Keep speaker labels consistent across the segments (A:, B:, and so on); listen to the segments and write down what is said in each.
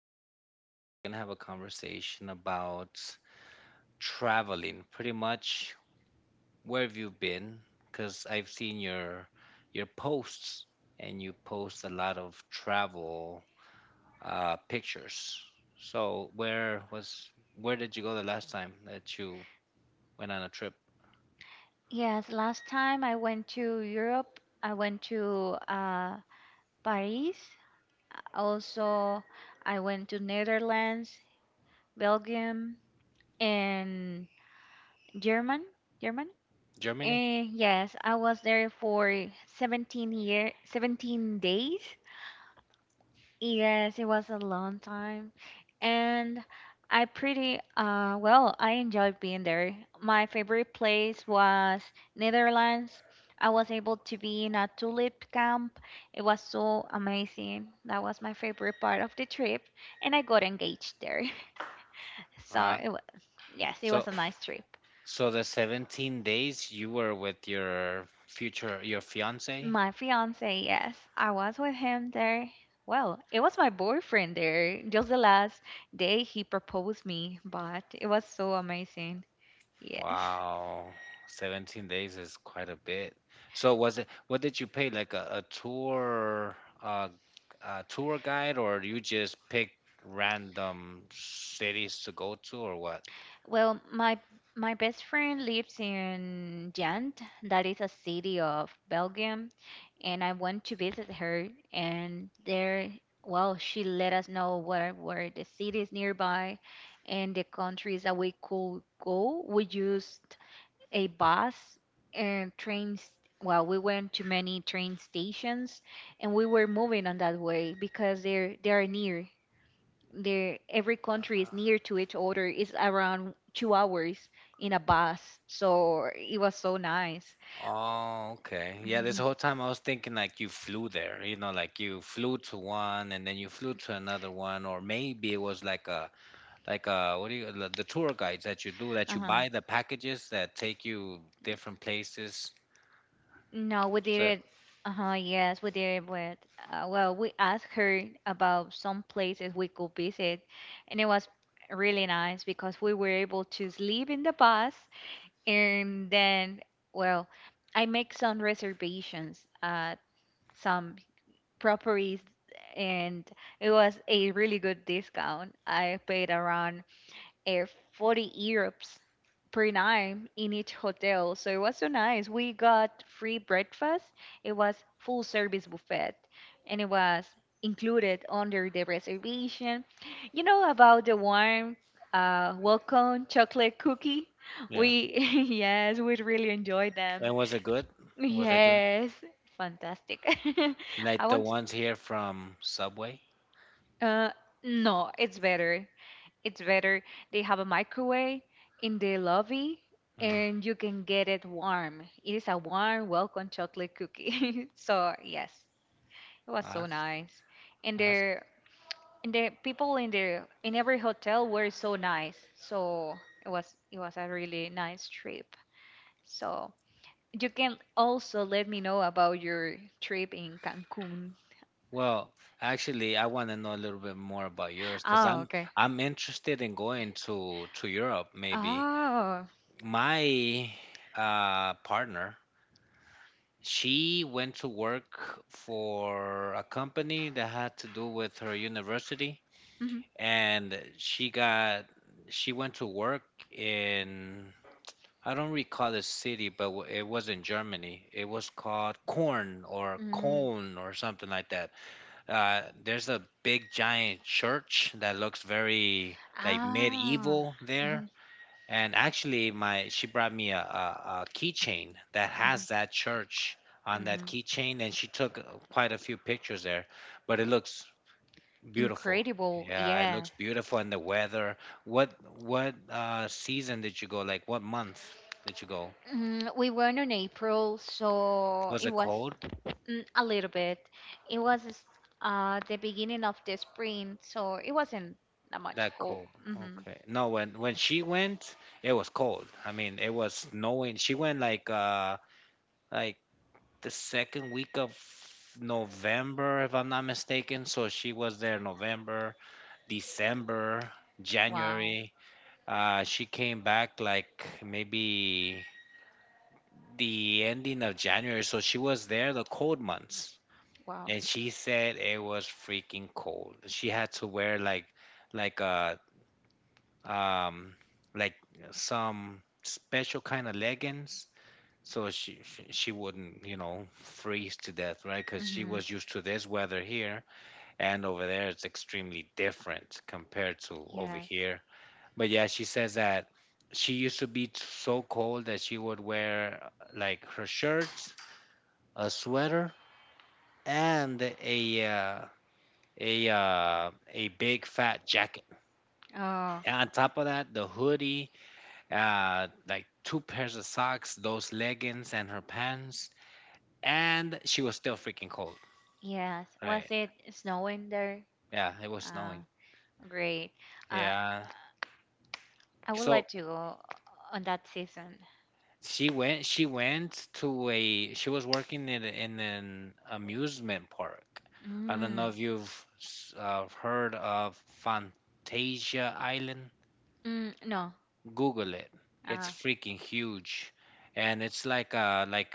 A: So we're gonna have a conversation about traveling. Pretty much, where have you been? Because I've seen your posts, and you post a lot of travel pictures. So where did you go the last time that you went on a trip?
B: Yes, last time I went to Europe, I went to Paris. Also, I went to Netherlands, Belgium, and German. German.
A: Germany?
B: And yes, I was there for 17 days. Yes, it was a long time. And I pretty well, I enjoyed being there. My favorite place was Netherlands. I was able to be in a tulip camp. It was so amazing. That was my favorite part of the trip, and I got engaged there. So
A: Ah,
B: yes, it
A: so
B: was a nice trip.
A: so the 17 days you were with your future your fiance?
B: My fiance, yes. I was with him there. Well, it was my boyfriend there. Just the last day he proposed me, but it was so amazing. Yes.
A: Wow. 17 days is quite a bit. So was it what did you pay like a tour uh a tour guide, or you just picked random cities to go to, or what?
B: Well, my best friend lives in Ghent. That is a city of Belgium, and I went to visit her, and there, well, she let us know where were the cities nearby and the countries that we could go. We used a bus and trains. Well, we went to many train stations, and we were moving on that way because they are near. Every country is near to each other. It's around 2 hours in a bus, so it was so nice.
A: Oh, okay. Yeah, this
B: Mhm.
A: whole time I was thinking like you flew there, you know, like you flew to one and then you flew to another one, or maybe it was like a what do you the tour guides that you
B: Uh-huh.
A: buy the packages that take you different places.
B: No, we did
A: But
B: it. Uh-huh, yes, we did it with, well, we asked her about some places we could visit, and it was really nice because we were able to sleep in the bus, and then, well, I make some reservations at some properties, and it was a really good discount. I paid around uh, €40 per night in each hotel. So it was so nice. We got free breakfast. It was full service buffet, and it was included under the reservation. You know about the warm welcome chocolate cookie? We yes, we really enjoyed them.
A: and was it good?
B: Yes, fantastic. I
A: The
B: want
A: ones here from Subway.
B: uh, no, it's better. It's better. They have a microwave in the lobby, and you can get it warm. It is a warm, welcome chocolate cookie. So, yes, it was so nice. And the people in every hotel were so nice. So, it was a really nice trip. So, you can also let me know about your trip in Cancun.
A: Well, actually, I want to know a little bit more about Europe.
B: Oh,
A: I'm
B: okay.
A: I'm interested in going to Europe maybe.
B: Oh.
A: My partner, she went to work for a company that had to do with her university,
B: Mhm.
A: and she got she went to work in I don't recall the city, but it was in Germany. It was called Korn or
B: Mm.
A: Cologne or something like that. There's a big giant church that looks very like
B: Ah.
A: medieval there.
B: Mhm.
A: And actually, my she brought me a keychain that has that church on that
B: Mhm.
A: keychain, and she took quite a few pictures there. But it looks beautiful.
B: Incredible,
A: Yeah, it
B: yeah.
A: looks beautiful, and the weather. What what season did you go? Like what month did you go?
B: We went in April, so
A: Was
B: it
A: it
B: was
A: cold?
B: a little bit. It was the beginning of the spring, so it wasn't that much
A: That
B: cold.
A: cold.
B: hmm
A: Okay. No, when she went, it was cold. I mean, it was snowing. She went like like the second week of November, if I'm not mistaken. So she was there November, December,
B: Wow.
A: January. She came back like maybe the ending of January. So she was there the cold months,
B: Wow.
A: and she said it was freaking cold. She had to wear like like uh um, like some special kind of leggings, so she wouldn't, you know, freeze to death, right? Because she
B: hmm
A: was used to this weather here, and over there it's extremely different compared to over
B: Yes.
A: here. But yeah, she says that she used to be so cold that she would wear like her shirts, a sweater, and a big fat jacket.
B: Oh,
A: And on top of that, the hoodie, like two pairs of socks, those leggings, and her pants. And she was still freaking cold.
B: yes. Was it snowing there?
A: Yeah, it was
B: Ah,
A: snowing.
B: great. Uh,
A: Yeah,
B: I would like to go on that season.
A: She went to a. She was working in, in an amusement park. I don't know
B: Mm,
A: if you've heard of Fantasia Island.
B: no.
A: Google it. It's
B: Uh,
A: freaking huge, and it's like uh like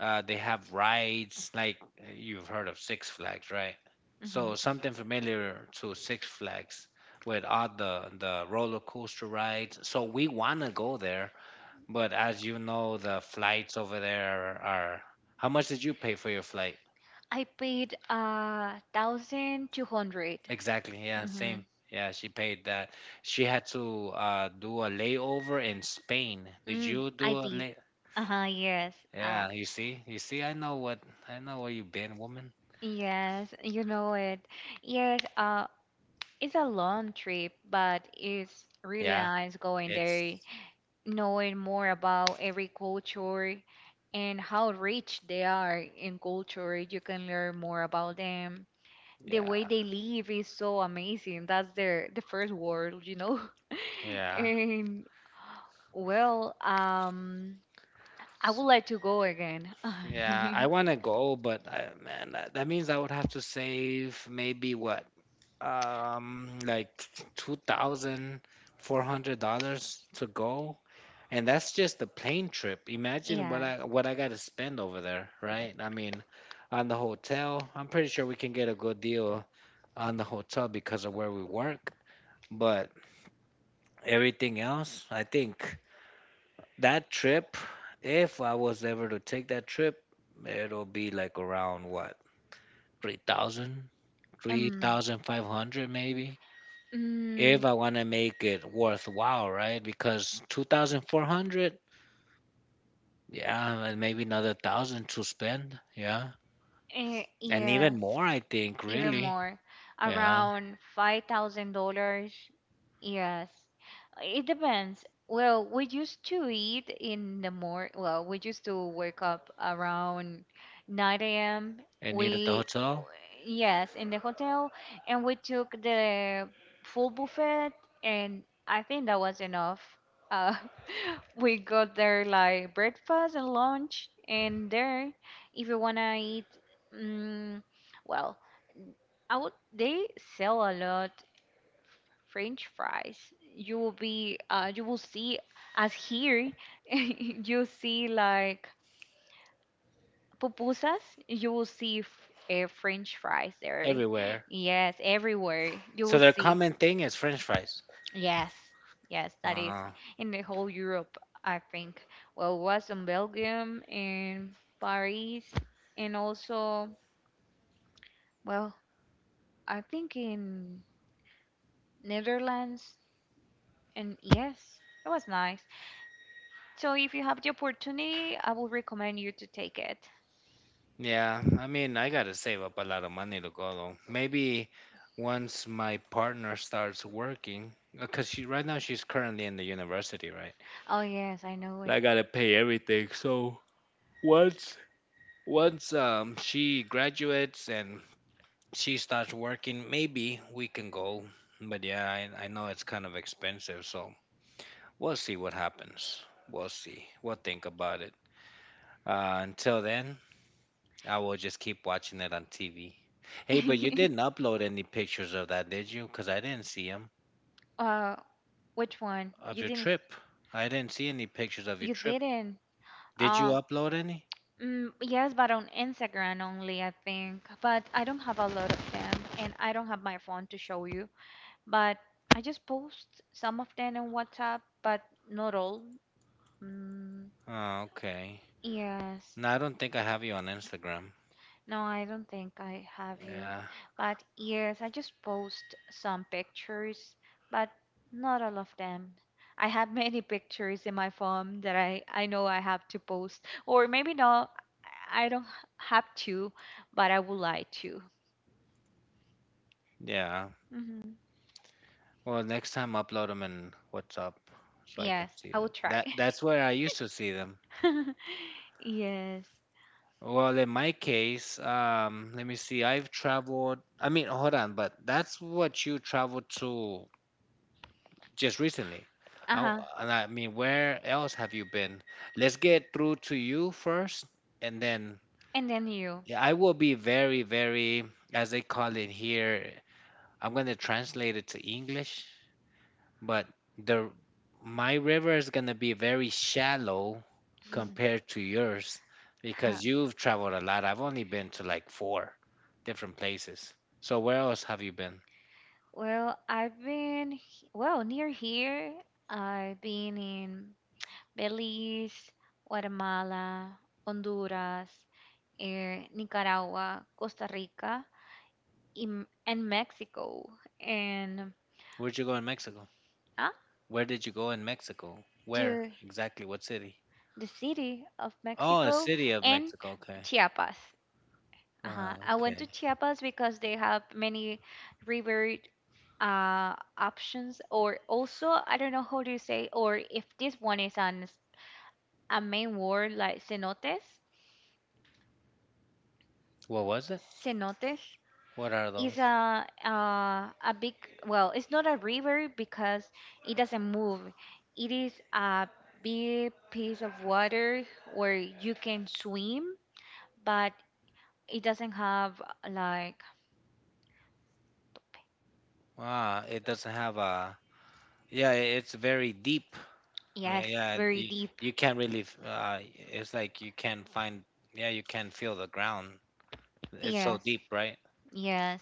A: Uh, they have rides like you've heard of Six Flags, right?
B: mhm.
A: So something familiar to Six Flags with all the roller coaster rides. So we want to go there, but as you know, the flights over there are. How much did you pay for your flight?
B: I paid 1,200.
A: Yeah,
B: Mm-hmm.
A: same. Yeah, she paid that. She had to do a layover. Plane. Did you
B: I
A: do a
B: did.
A: lay?
B: Uh huh. Yes. Uh.
A: Yeah, you see, I know what I know where you been, woman.
B: Yes, you know it. Yes, it's a long trip, but it's really nice going there, knowing more about every culture and how rich they are in culture. You can learn more about them. The
A: Yeah.
B: way they live is so amazing. That's the first world.
A: Yeah,
B: And well, I would like to go again.
A: yeah, I want to go, but I, man, that, that means I would have to save maybe what, like $2,400 to go, and that's just the plane trip. Imagine what
B: Yes.
A: I got to spend over there, right? I mean, on the hotel, I'm pretty sure we can get a good deal on the hotel because of where we work, but everything else, I think that trip, if I was ever to take that trip, it'll be like around what? 3,000, three
B: Um.
A: thousand five hundred maybe.
B: Mm,
A: If I want to make it worthwhile, right? Because 2,400, yeah, and maybe another thousand to spend, yeah. And
B: yeah.
A: even more, I think,
B: Even
A: really,
B: more,
A: yeah.
B: around $5,000. Yes, it depends. Well, we used to eat in the morning. Well, we used to wake up around 9 a.m.
A: And eat at the
B: We,
A: hotel,
B: yes, in the hotel, and we took the full buffet, and I think that was enough. Uh, we got there like breakfast and lunch, and there, if you wanna eat, mm well, I would they sell a lot French fries. You will see as here you see like pupusas, you will see French fries there.
A: everywhere.
B: Yes, everywhere. You
A: So
B: will
A: their
B: see.
A: common thing is French fries.
B: Yes, yes, that is
A: Uh,
B: in the whole Europe, I think. Well, was in Belgium and Paris, and also, well, I think in Netherlands. And yes, it was nice. So if you have the opportunity, I would recommend you to take it.
A: yeah, I mean, I gotta save up a lot of money to go though. Maybe once my partner starts working, because she right now she's currently in the university, right?
B: Oh, yes, I know it.
A: I gotta pay everything. So once she graduates and she starts working, maybe we can go. But yeah, I know it's kind of expensive, so we'll see what happens. We'll see. We'll think about it. Until then, I will just keep watching it on TV. Hey, but you didn't upload any pictures of that, did you? Because I didn't see them.
B: uh, which one? You didn't.
A: Trip. I didn't see any pictures.
B: You didn't. Uh,
A: Upload any?
B: Yes, but on Instagram only, I think. But I don't have a lot of them, and I don't have my phone to show you. But I just post some of them on WhatsApp, but not all. Mm,
A: Oh, okay.
B: yes.
A: No, I don't think I have you on Instagram.
B: No, I don't think I have you.
A: Yeah.
B: But yes, I just post some pictures, but not all of them. I have many pictures in my phone that I know I have to post. Or maybe no, I don't have to, but I would like to.
A: Yeah.
B: hmm
A: Well, next time upload them in WhatsApp. So
B: Yes, I will try.
A: that's where I used to see them.
B: Yes.
A: Well, in my case, let me see. I've traveled. I mean, hold on, but that's what you traveled to just recently.
B: Uh
A: I, w-
B: huh.
A: and I mean, where else have you been? Let's get through to you first, and then
B: And then you.
A: yeah, I will be very, very, as they call it here. I'm going to translate it to English, but the my river is going to be very shallow compared to yours
B: Huh.
A: because you've traveled a lot. I've only been to like four different places. So where else have you been?
B: Well, I've been well, near here. I've been in Belize, Guatemala, Honduras, Nicaragua, Costa Rica, and Mexico, and
A: Where'd you go in Mexico?
B: ah,
A: Where did you go in Mexico?
B: to
A: Exactly what city?
B: the city of Mexico and
A: Mexico, okay.
B: Chiapas. Uh-huh.
A: Uh,
B: I went to Chiapas because they have many river options or also I don't know how do you say or if this one is on a main word like cenotes.
A: what was it?
B: Cenotes
A: What are the?
B: is a big, well, it's not a river because it doesn't move. It is a big piece of water where you can swim, but it doesn't have like
A: Ah, it doesn't have a. Yeah, it's very deep. I
B: yes,
A: mean, yeah,
B: very
A: you,
B: deep.
A: you can't really. It's like you can't find. Yeah, you can't feel the ground. It's so
B: Yes,
A: deep, right?
B: yes.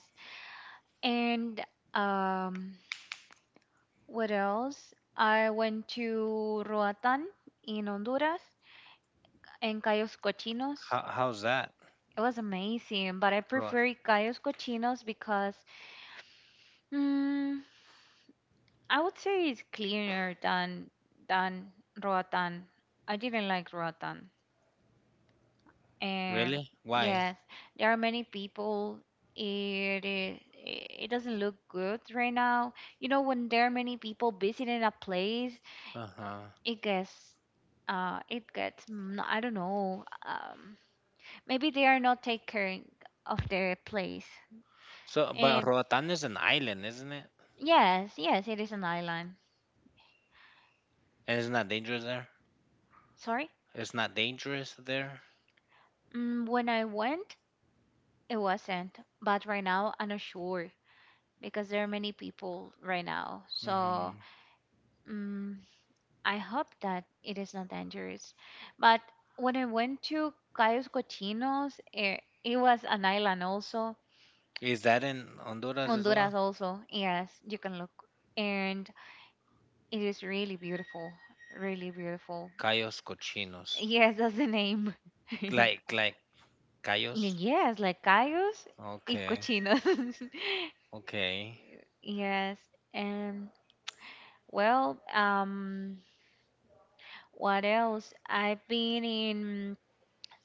B: And um what else? I went to Roatan in Honduras and Cayos Cochinos.
A: How how's that?
B: It was amazing, but I
A: Ro-
B: prefer Cayos Cochinos because mm, I would say it's cleaner than than Roatan. I didn't like Roatan. And
A: Really? Why?
B: yes, there are many people. It doesn't look good right now. You know, when there are many people visiting a place,
A: Uh-huh.
B: it gets it gets I don't know, maybe they are not taking care of their place,
A: So, but
B: and
A: Roatan is an island, isn't it?
B: yes, yes, it is an island.
A: And it's not dangerous there.
B: Sorry.
A: It's not dangerous there.
B: When I went, it wasn't, but right now I'm not sure because there are many people right now, so
A: Mhm.
B: mm, I hope that it is not dangerous. But when I went to Cayos Cochinos, it was an island also.
A: Is that in Honduras as
B: Honduras also. Yes, you can look. And it is really beautiful. Really beautiful.
A: Cayos Cochinos.
B: Yes, that's the name.
A: Like Cayos?
B: Yes, like cayos y
A: Okay,
B: cochinos.
A: okay.
B: Yes. And, well, what else? I've been in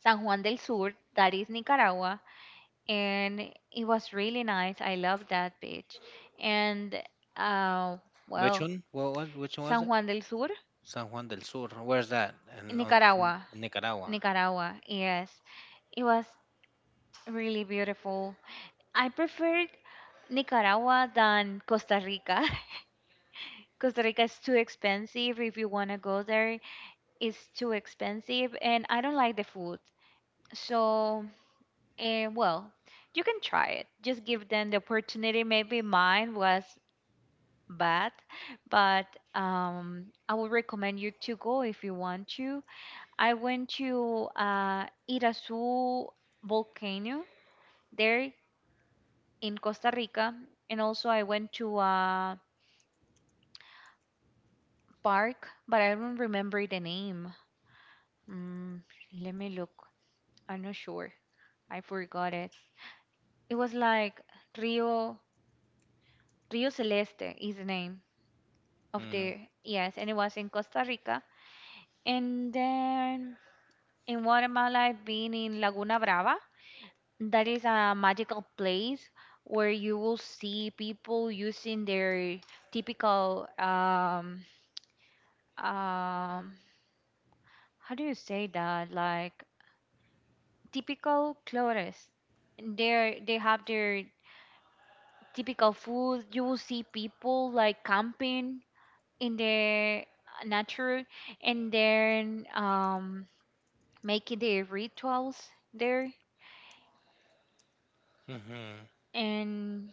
B: San Juan del Sur, that is Nicaragua, and it was really nice. I love that beach. And uh
A: Which
B: well,
A: one? What which
B: San Juan del Sur,
A: San Juan del Sur? Where's that?
B: Nicaragua.
A: Nicaragua.
B: Nicaragua, yes. It was really beautiful. I preferred Nicaragua than Costa Rica. Costa Rica is too expensive. If you want to go there, it's too expensive, and I don't like the food. So, well, you can try it. Just give them the opportunity. Maybe mine was bad, but I would recommend you to go if you want to. I went to Irasu volcano there in Costa Rica, and also I went to a park, but I don't remember the name. Mm, Let me look. I'm not sure. I forgot it. It was like Rio Rio Celeste is the name of the, yes, and it was in Costa Rica. And then in Guatemala, I've been in Laguna Brava. That is a magical place where you will see people using their typical um how do you say that, like typical clothes. They have their typical food. You will see people like camping in their nature, and then making their rituals there.
A: Hmm.
B: And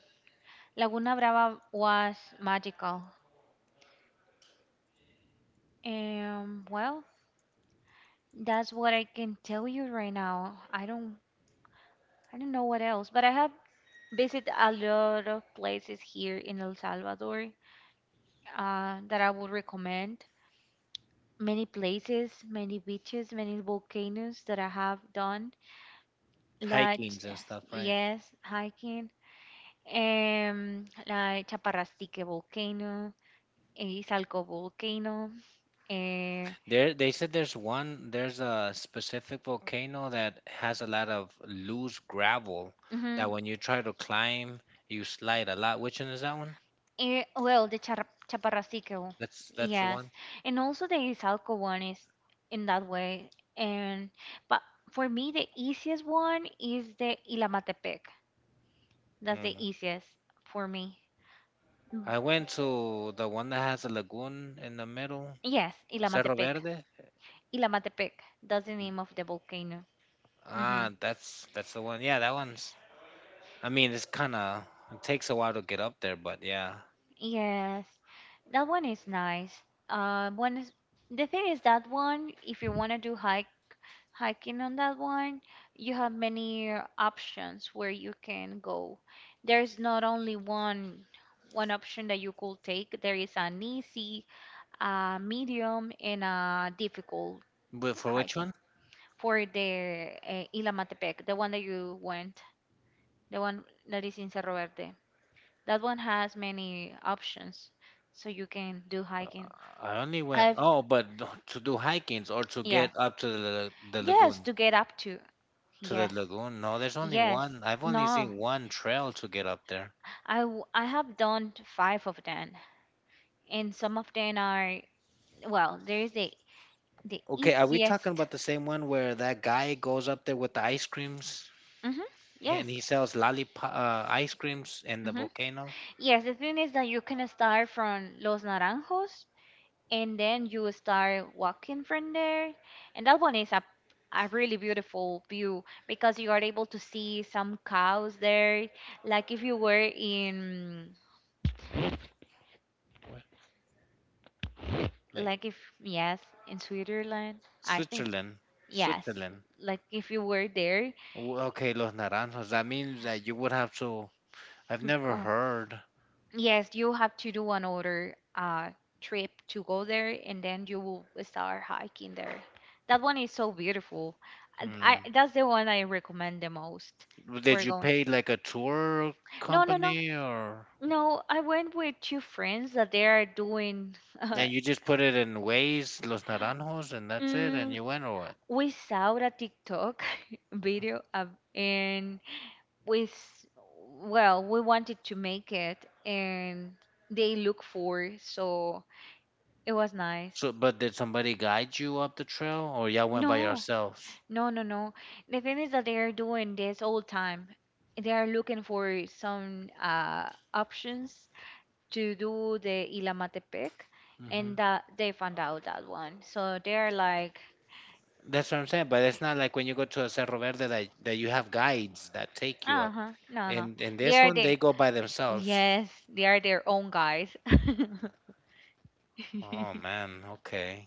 B: Laguna Brava was magical. Well, that's what I can tell you right now. I don't know what else, but I have visited a lot of places here in El Salvador that I would recommend. Many places, many beaches, many volcanoes that I have done. Like, yes, hiking. Like Chaparrastique volcano, Izalco volcano. Eh,
A: There, they said there's one, there's a specific volcano that has a lot of loose gravel that
B: mhm.
A: when you try to climb, you slide a lot. Which one is that one?
B: Well, the chaparrasico,
A: That's the,
B: yes, and also the Izalco one is in that way. And but for me, the easiest one is the Ilamatepec. That's the easiest for me. Mm.
A: I went to the one that has a lagoon in the middle,
B: Yes,
A: Cerro
B: Ilamatepec.
A: Verde.
B: Ilamatepec. That's the name of the volcano. hmm
A: Ah, that's the one. Yeah, that one's. I mean, it's kind of it takes a while to get up there, but yeah.
B: Yes, that one is nice. One is The thing is that one, if you want to do hike hiking on that one, you have many options where you can go. There's not only one option that you could take. There is an easy, a medium, and a difficult
A: But for which
B: hiking
A: one?
B: for the Ilamatepec, the one that you went, the one that is in Cerro Verde. That one has many options, so you can do hiking.
A: I only went.
B: I've
A: Oh, but to do hikings or to get
B: Yes,
A: up to the
B: yes,
A: lagoon.
B: to get up to,
A: To the
B: yes.
A: lagoon. No, there's only
B: Yes.
A: one. I've only
B: No.
A: seen one trail to get up there.
B: I have done five of them, and some of them are well. There is a the
A: Okay, talking
B: easiest.
A: about the same one where that guy goes up there with the ice creams,
B: Mhm. Yes.
A: and he sells lollipop ice creams in the
B: Mhm.
A: volcano.
B: Yes. The thing is that you can start from Los Naranjos, and then you start walking from there, and that one is a really beautiful view because you are able to see some cows there. Like if you were in
A: Where? Like
B: Like if, yes, in Switzerland, I think,
A: Switzerland,
B: yes.
A: Switzerland.
B: Like if you were there,
A: Okay, Los Naranjos. That means that you would have to. I've never
B: oh,
A: heard.
B: yes, you have to do another trip to go there, and then you will start hiking there. That one is so beautiful. And I that's the one I recommend the most.
A: Did
B: We're
A: you
B: going.
A: pay like a tour
B: No, no, no,
A: company, or
B: no. I went with two friends that they are doing. Uh,
A: and you just put it in ways Los Naranjos and that's it and
B: Mm,
A: you went or what?
B: we saw a TikTok video of, and we, s- well, we wanted to make it and they look for, so it was nice.
A: So, but did somebody guide you up the trail or y'all went by
B: No,
A: yourselves?
B: no, no, no. The thing is that they are doing this all time. They are looking for some options to do the Ilamatepec, and that they found out that one. So they are like
A: That's what I'm saying, but it's not like when you go to a Cerro Verde that you have guides that take you
B: Uh
A: up
B: huh. No, no.
A: and
B: They are their
A: they go by.
B: yes. They are their own guys.
A: Oh man, okay.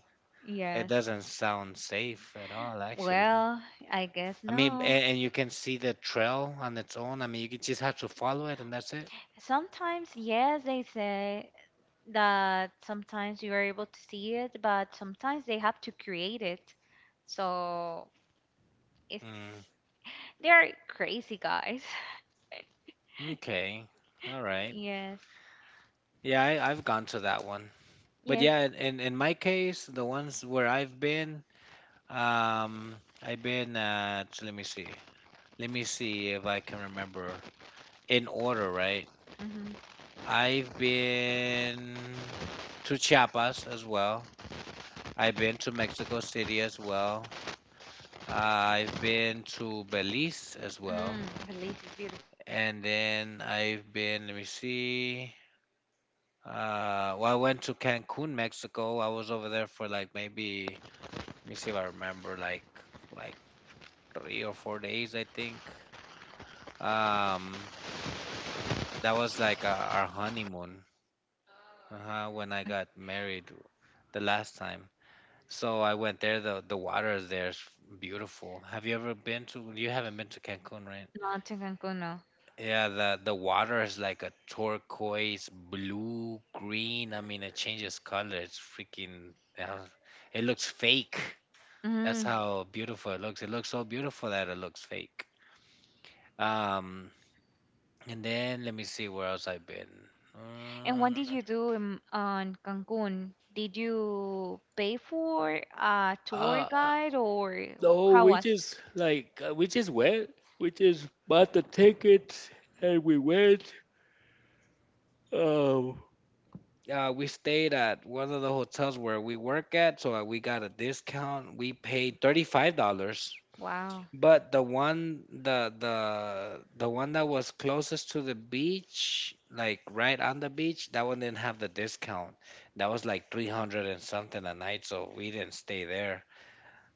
A: It
B: yes.
A: doesn't sound safe at all.
B: Well, I guess
A: I mean,
B: no.
A: and you can see the trail on its own. I mean, you could just have to follow it, and that's
B: Sometimes, yes, they say that sometimes you are able to see it, but sometimes they have to create it. So it's they are crazy guys.
A: okay, all right.
B: Yes.
A: Yeah, I've gone to that one, but
B: Yes.
A: yeah, in my case, the ones where I've been at. Let me see. Let me see if I can remember in order, right?
B: Mm-hmm.
A: I've been to Chiapas as well. I've been to Mexico City as well. I've been to Belize as well.
B: Belize is beautiful.
A: And then I've been, let me see. Well, I went to Cancun, Mexico. I was over there for like maybe, let me see if I remember, like 3 or 4 days, I think. Um, that was like our honeymoon, when I got married the last time. So I went there. The water there is beautiful. Have you ever been to? You haven't been to Cancun, right?
B: Not to Cancun, no.
A: Yeah, the water is like a turquoise, blue, green. I mean, it changes color. It's freaking. It looks fake. That's
B: Mm.
A: how beautiful it looks. It looks so beautiful that it looks fake. Um, and then let me see where else I've been.
B: And
A: Um,
B: what did you do on Cancun? Did you pay for a tour
A: uh,
B: guide or
A: No,
B: how
A: we
B: was?
A: just like we just went. We just bought the tickets and we went. Oh, we stayed at one of the hotels where we work at, so we got a discount. We paid $35,
B: Wow.
A: but the one that was closest to the beach, like right on the beach, that one didn't have the discount. That was like 300 and something a night, so we didn't stay there.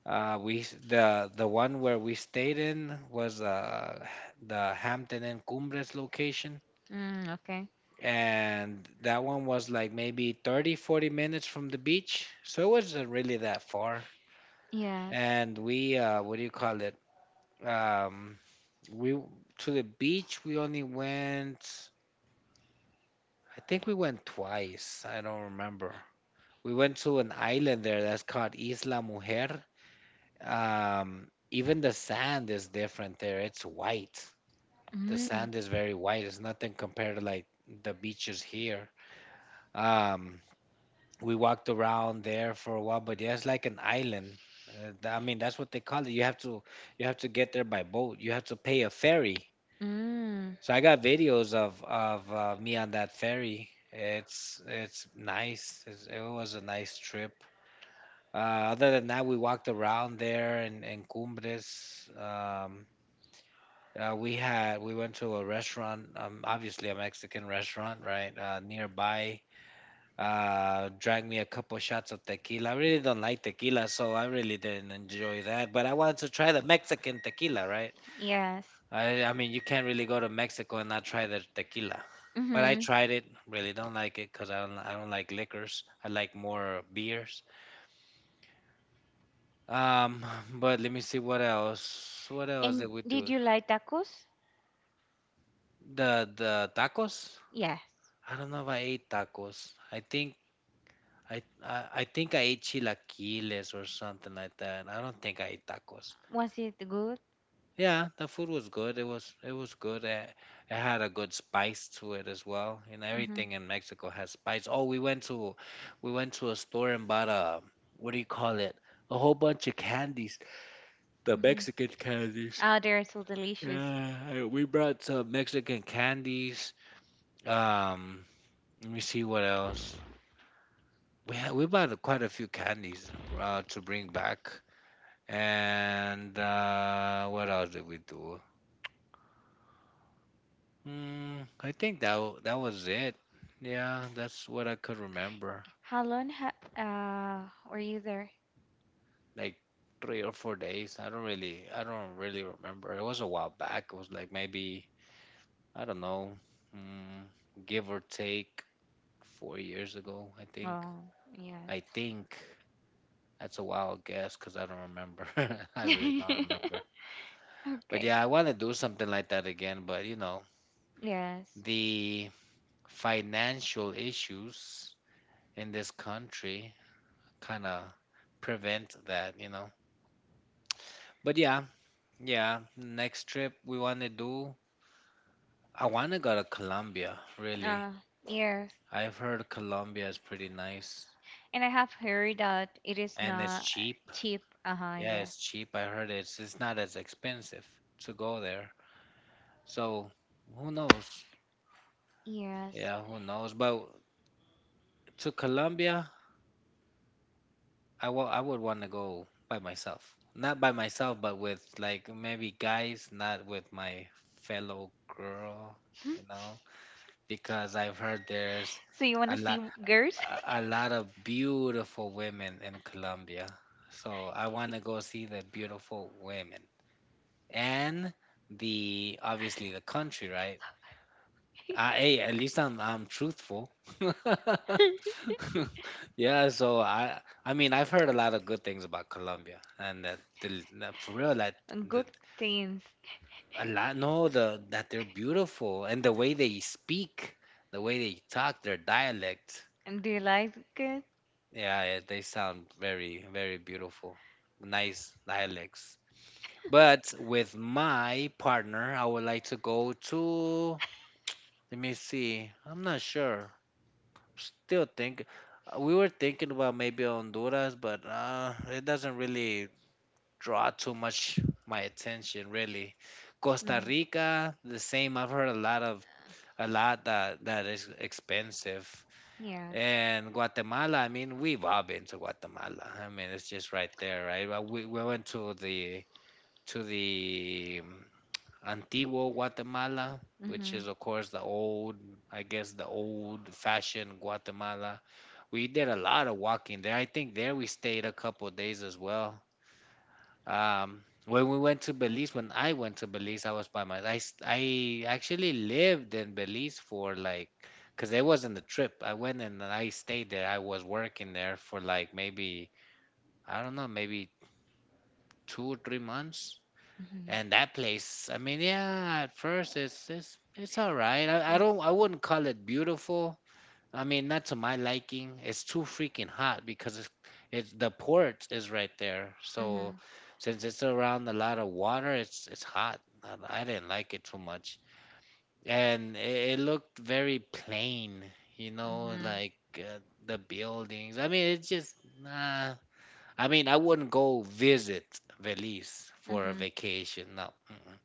A: We s- the one where we stayed in was the Hampton Inn Cumbres location,
B: Mm, okay.
A: and that one was like maybe 30, 40 minutes from the beach, so it wasn't really that far.
B: Yes.
A: And we, what do you call it, um we, to the beach we only went, I think we went twice, I don't remember. We went to an island there that's called Isla Mujer. Even the sand is different there. It's white. The
B: Mm.
A: sand is very white. It's nothing compared to like the beaches here. um we walked around there for a while, but yeah, it's like an island. I mean, that's what they call it. You have to get there by boat. You have to pay a ferry.
B: Mm.
A: So I got videos of me on that ferry. It's nice. It was a nice trip. Uh, Other than that, we walked around there in Cumbres. Um, we went to a restaurant, obviously a Mexican restaurant, right, nearby, drank me a couple shots of tequila. I really don't like tequila, so I really didn't enjoy that. But I wanted to try the Mexican tequila, right?
B: Yes.
A: I mean, you can't really go to Mexico and not try their tequila. But I
B: Mm-hmm.
A: tried it, really don't like it, because I don't like liquors. I like more beers. Um, but let me see what else. What else did
B: And
A: we,
B: did you like tacos?
A: the tacos?
B: Yes.
A: I don't know if I ate tacos. I think I ate chilaquiles or something like that. I don't think I ate tacos.
B: Was it good?
A: Yeah, the food was good. It was good. It had a good spice to it as well. And
B: Mm-hmm.
A: everything in Mexico has spice. Oh, we went to a store and bought a, what do you call it? A whole bunch of candies. The
B: Mm-hmm.
A: Mexican candies.
B: Oh, they're so delicious.
A: Yeah, we brought some Mexican candies. Um, Let me see what else. We bought quite a few candies, to bring back. And what else did we do? Mm, I think that was it. Yeah, that's what I could remember.
B: How long ha- uh, were you there?
A: Like 3 or 4 days. I don't really remember. It was a while back. It was like maybe, I don't know, mm, give or take 4 years ago. I think.
B: Oh, yes.
A: I think that's a wild guess because I don't remember. I really don't remember. But
B: okay.
A: yeah, I want to do something like that again. But
B: Yes.
A: the financial issues in this country kind of prevent that. But yeah, yeah, next trip we want to do, I want to go to Colombia, really.
B: Uh, yes.
A: I've heard Colombia is pretty nice
B: And I have heard that it is
A: and it's
B: not
A: cheap.
B: cheap. Uh huh,
A: Yeah, it's
B: yes.
A: cheap. I heard it's not as expensive to go there. So, who knows?
B: Yes.
A: Yeah, who knows? But to Colombia, I would want to go by myself. Not by myself, but with like maybe guys, not with my fellow girl,
B: Hmm?
A: you know. Because I've heard there's
B: So you want to see girls?
A: a lot of beautiful women in Colombia. So I want to go see the beautiful women and the obviously the country, right? Hey, at least I'm truthful. Yeah, so I mean I've heard a lot of good things about Colombia and that the, that for real that the,
B: Good things.
A: a lot no the that they're beautiful and the way they speak, the way they talk, their dialect.
B: And do you like it?
A: Yeah, yeah, they sound very, very beautiful. Nice dialects. But with my partner, I would like to go to, let me see. I'm not sure. Still think, we were thinking about maybe Honduras, but it doesn't really draw too much my attention, really. Costa
B: Mhm.
A: Rica, the same. I've heard a lot that is expensive.
B: Yes.
A: And Guatemala, I mean, we've all been to Guatemala. I mean, it's just right there, right? But we went to the Antiguo Guatemala,
B: Mhm.
A: which
B: Mhm.
A: is, of course, the old, I guess, the old-fashioned Guatemala. We did a lot of walking there. I think there we stayed a couple of days as well. When we went to Belize, when I went to Belize, I was by my. I actually lived in Belize for like, cause it wasn't a trip. I went and I stayed there. I was working there for like maybe, I don't know, maybe 2 or 3 months.
B: Mm.
A: And that place, I mean, yeah, at first it's all right. I wouldn't call it beautiful. I mean, not to my liking. It's too freaking hot, because it's the port is right there. So since it's around a lot of water, it's hot. I didn't like it too much, and it looked very plain. You
B: Mhm.
A: know,
B: Mhm.
A: like the buildings. I mean, it's just nah. I mean, I wouldn't go visit Belize for a
B: Mhm.
A: vacation. No, mm-mm,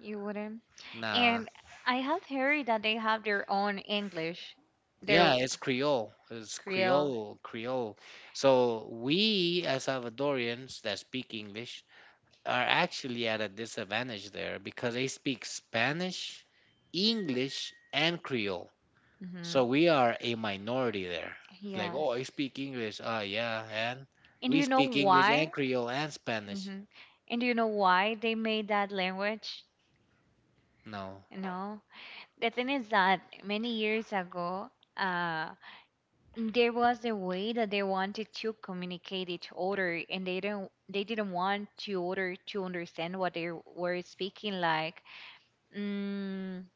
B: You wouldn't.
A: nah.
B: And I have heard that they have their own English, their
A: Yeah, it's Creole. It's
B: Creole.
A: Creole, Creole. So we as Salvadorians that speak English are actually at a disadvantage there because they speak Spanish, English, and Creole.
B: Mhm.
A: So we are a minority there. It's like, oh,
B: Yes.
A: I speak English. Ah, yeah,
B: And do you know
A: and
B: why?
A: Creole and Spanish.
B: Hmm. And do you know why they made that language?
A: No.
B: You know, the thing is that many years ago, uh, there was a way that they wanted to communicate each other, and they didn't want to order to understand what they were speaking like. Mm,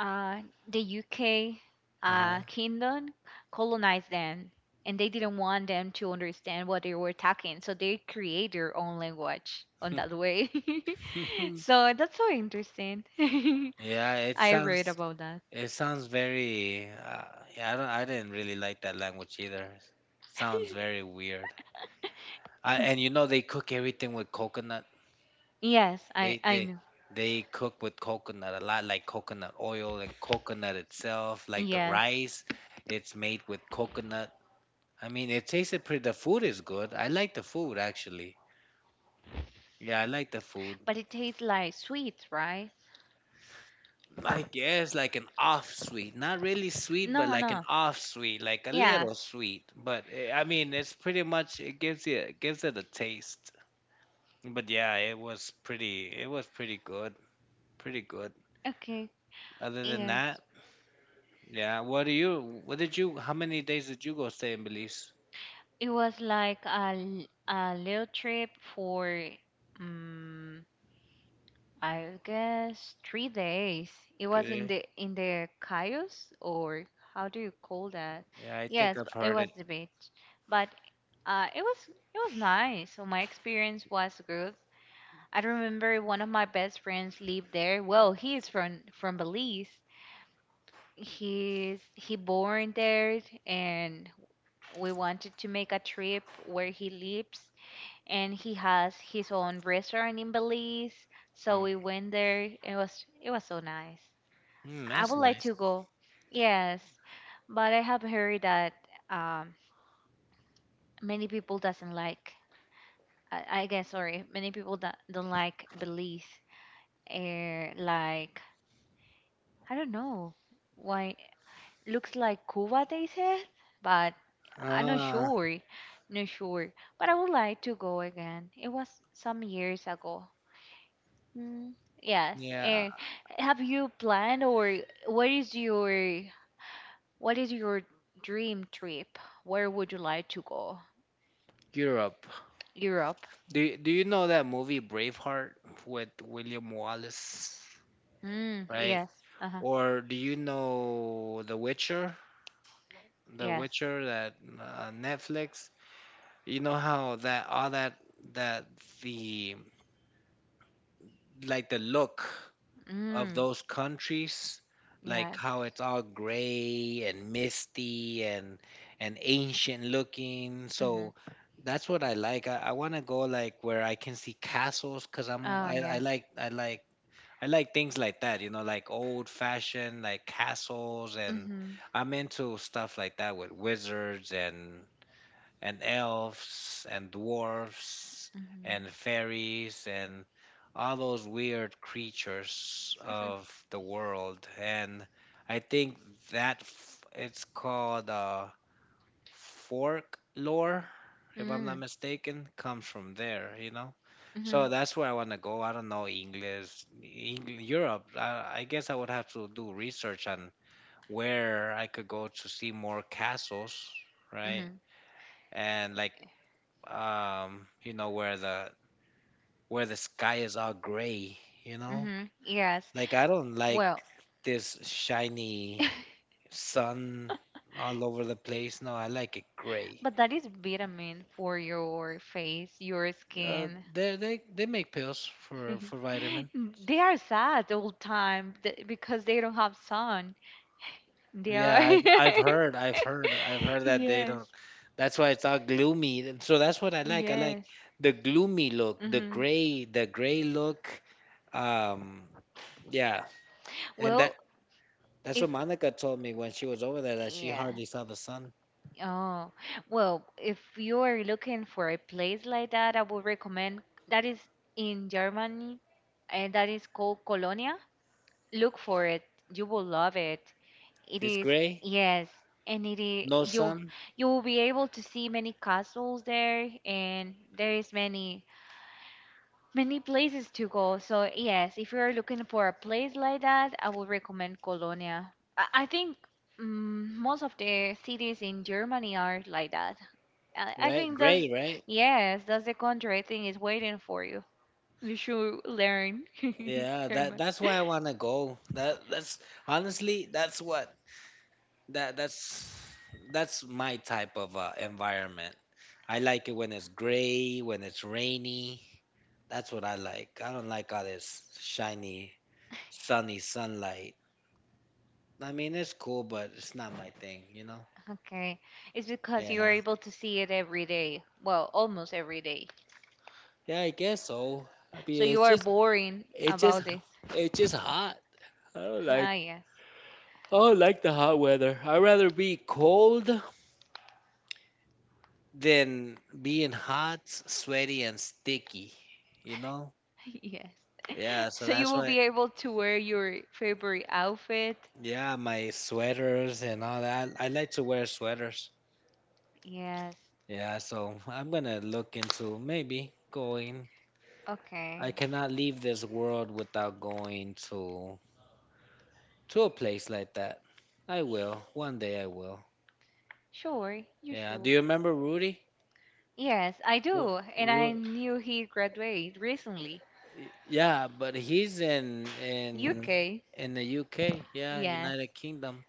B: uh, the UK kingdom colonized them, and they didn't want them to understand what they were talking, so they create their own language on that way. so that's so interesting.
A: Yeah,
B: I read about that.
A: it sounds very. Yeah, I don't. I didn't really like that language either. Sounds very weird. And you know they cook everything with coconut.
B: Yes, I know.
A: They cook with coconut a lot, like coconut oil and coconut itself, like the
B: Yes,
A: rice. It's made with coconut. I mean, it tasted pretty. The food is good. I like the food actually. Yeah, I like the food.
B: but it tastes like sweet, right?
A: I guess like an off sweet, not really sweet, but
B: No,
A: like an
B: no.
A: off sweet, like a
B: Yes.
A: little sweet. But eh, I mean, it's pretty much it gives it a taste. But yeah, it was pretty. It was pretty good. Pretty good.
B: Okay.
A: Other than
B: Yes.
A: that. Yeah. What do you? What did you? How many days did you go stay in Belize?
B: It was like a little trip for um, I guess 3 days. It was in the Cayos or how do you call that?
A: Yeah,
B: It
A: heard
B: was
A: it.
B: the beach. But it was nice. So my experience was good. I remember one of my best friends lived there. Well, he is from Belize. He born there, and we wanted to make a trip where he lives and he has his own restaurant in Belize. So we went there. It was so nice.
A: Mm,
B: I would
A: that's
B: like
A: nice.
B: to go. Yes, but I have heard that um, many people doesn't like. I guess sorry, many people that don't like Belize. Eh, like I don't know why. Looks like Cuba, they said, but I'm not
A: Ah,
B: sure. Not sure. But I would like to go again. It was some years ago. Mm, yes.
A: yeah,
B: And have you planned or what is your what is your dream trip? Where would you like to go?
A: Europe.
B: Europe.
A: Do you know that movie Braveheart with William Wallace,
B: Mm,
A: right?
B: yes. Uh-huh.
A: Or do you know The Witcher? The
B: Yes.
A: Witcher, that Netflix. You know how that all that that the, like the look of
B: Mm,
A: those countries, like
B: yes.
A: how it's all gray and misty and ancient looking.
B: Mm-hmm.
A: So that's what I like. I want to go like where I can see castles, because I'm
B: Oh,
A: I, I
B: yes.
A: like I like I like things like that. You know, like old fashioned like castles, and
B: Mm-hmm.
A: I'm into stuff like that with wizards and elves and dwarfs and fairies and all
B: Mm-hmm.
A: those weird creatures of the world. And I think it's called, fork lore, if I'm
B: Mm.
A: not mistaken, comes from there, you know?
B: Mm-hmm.
A: So that's where I want to go. I don't know English, Engl Europe. I guess I would have to do research on where I could go to see more castles, right?
B: Mm-hmm.
A: And like, you know where the sky is all gray, you know,
B: Mm-hmm. Yes.
A: like I don't like
B: Well,
A: this shiny sun all over the place. No, I like it gray.
B: But that is vitamin for your face, your skin.
A: They make pills for vitamin.
B: They are sad all time because they don't have sun. They
A: Yeah,
B: are.
A: i've i've heard i've heard i've heard that they
B: yes.
A: don't, that's why it's all gloomy. And so that's what I like. I like
B: Yes.
A: the gloomy look,
B: Hmm.
A: the gray look. um yeah. And
B: Well,
A: that's
B: if
A: what Monica told me when she was over there, that she hardly
B: Yes.
A: saw the sun.
B: Oh, well, if you are looking for a place like that, I would recommend that is in Germany and that is called Colonia. Look for it. You will love it. It
A: It's
B: is,
A: gray,
B: yes, and it
A: no
B: is
A: sun,
B: you will be able to see many castles there, and there is many many places to go. So yes, if you're looking for a place like that, I would recommend Colonia. I think most of the cities in Germany are like that. I
A: right?
B: think that's
A: Gray, right?
B: yes, that's the country I think is waiting for you. You should learn
A: Yeah, that
B: German.
A: that's why I wanna go. That that's honestly that's what that that's my type of environment. I like it when it's gray, when it's rainy. That's what I like. I don't like all this shiny, sunny sunlight. I mean, it's cool, but it's not my thing, you know?
B: Okay. It's because you are able to see it every day. Well, almost every day.
A: Yeah, I guess so. I
B: So
A: mean,
B: you are boring
A: it's just,
B: about this.
A: it's just hot. I don't like
B: Ah, yes.
A: Oh, I like the hot weather. I'd rather be cold than being hot, sweaty, and sticky. You know?
B: Yes.
A: Yeah, so
B: So you
A: that's
B: will
A: why,
B: be able to wear your favorite outfit.
A: yeah, my sweaters and all that. I like to wear sweaters.
B: Yes.
A: Yeah, so I'm gonna look into maybe going.
B: Okay.
A: I cannot leave this world without going to a place like that. I will. One day I will.
B: Sure. You
A: Yeah. Do
B: sure.
A: you remember Rudy?
B: Yes, I
A: What?
B: do. And I knew he graduated recently.
A: Yeah, but he's in in
B: UK.
A: in the UK. Yeah,
B: Yes.
A: United Kingdom.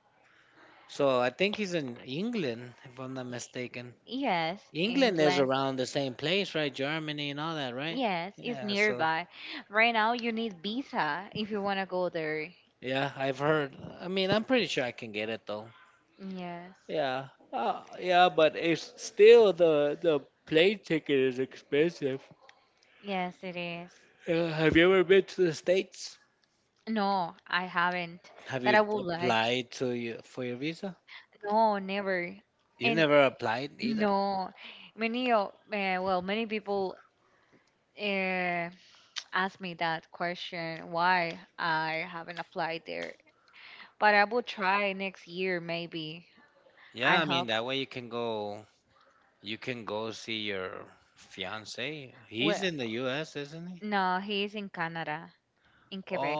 A: So I think he's in England, if I'm not mistaken.
B: Yes.
A: England is
B: England.
A: around the same place, right? Germany and all that, right?
B: Yes, it's
A: Yeah. So
B: nearby. Right now, you need visa if you want to go there.
A: yeah, I've heard. I mean, I'm pretty sure I can get it though.
B: Yes,
A: Yeah, yeah, but it's still the plane ticket is expensive.
B: yes, it is.
A: Have you ever been to the States?
B: No, I haven't,
A: Have
B: but
A: you
B: I would like. To.
A: applied to you for your visa?
B: No, never.
A: You've
B: And
A: never applied.
B: no, many of well, many people uh, ask me that question why I haven't applied there. But I will try next year, maybe. I
A: Yeah, I mean
B: hope.
A: that way you can go, you can go see your fiance. He's
B: Well,
A: in the US, isn't he?
B: no, he is in Canada. In Quebec.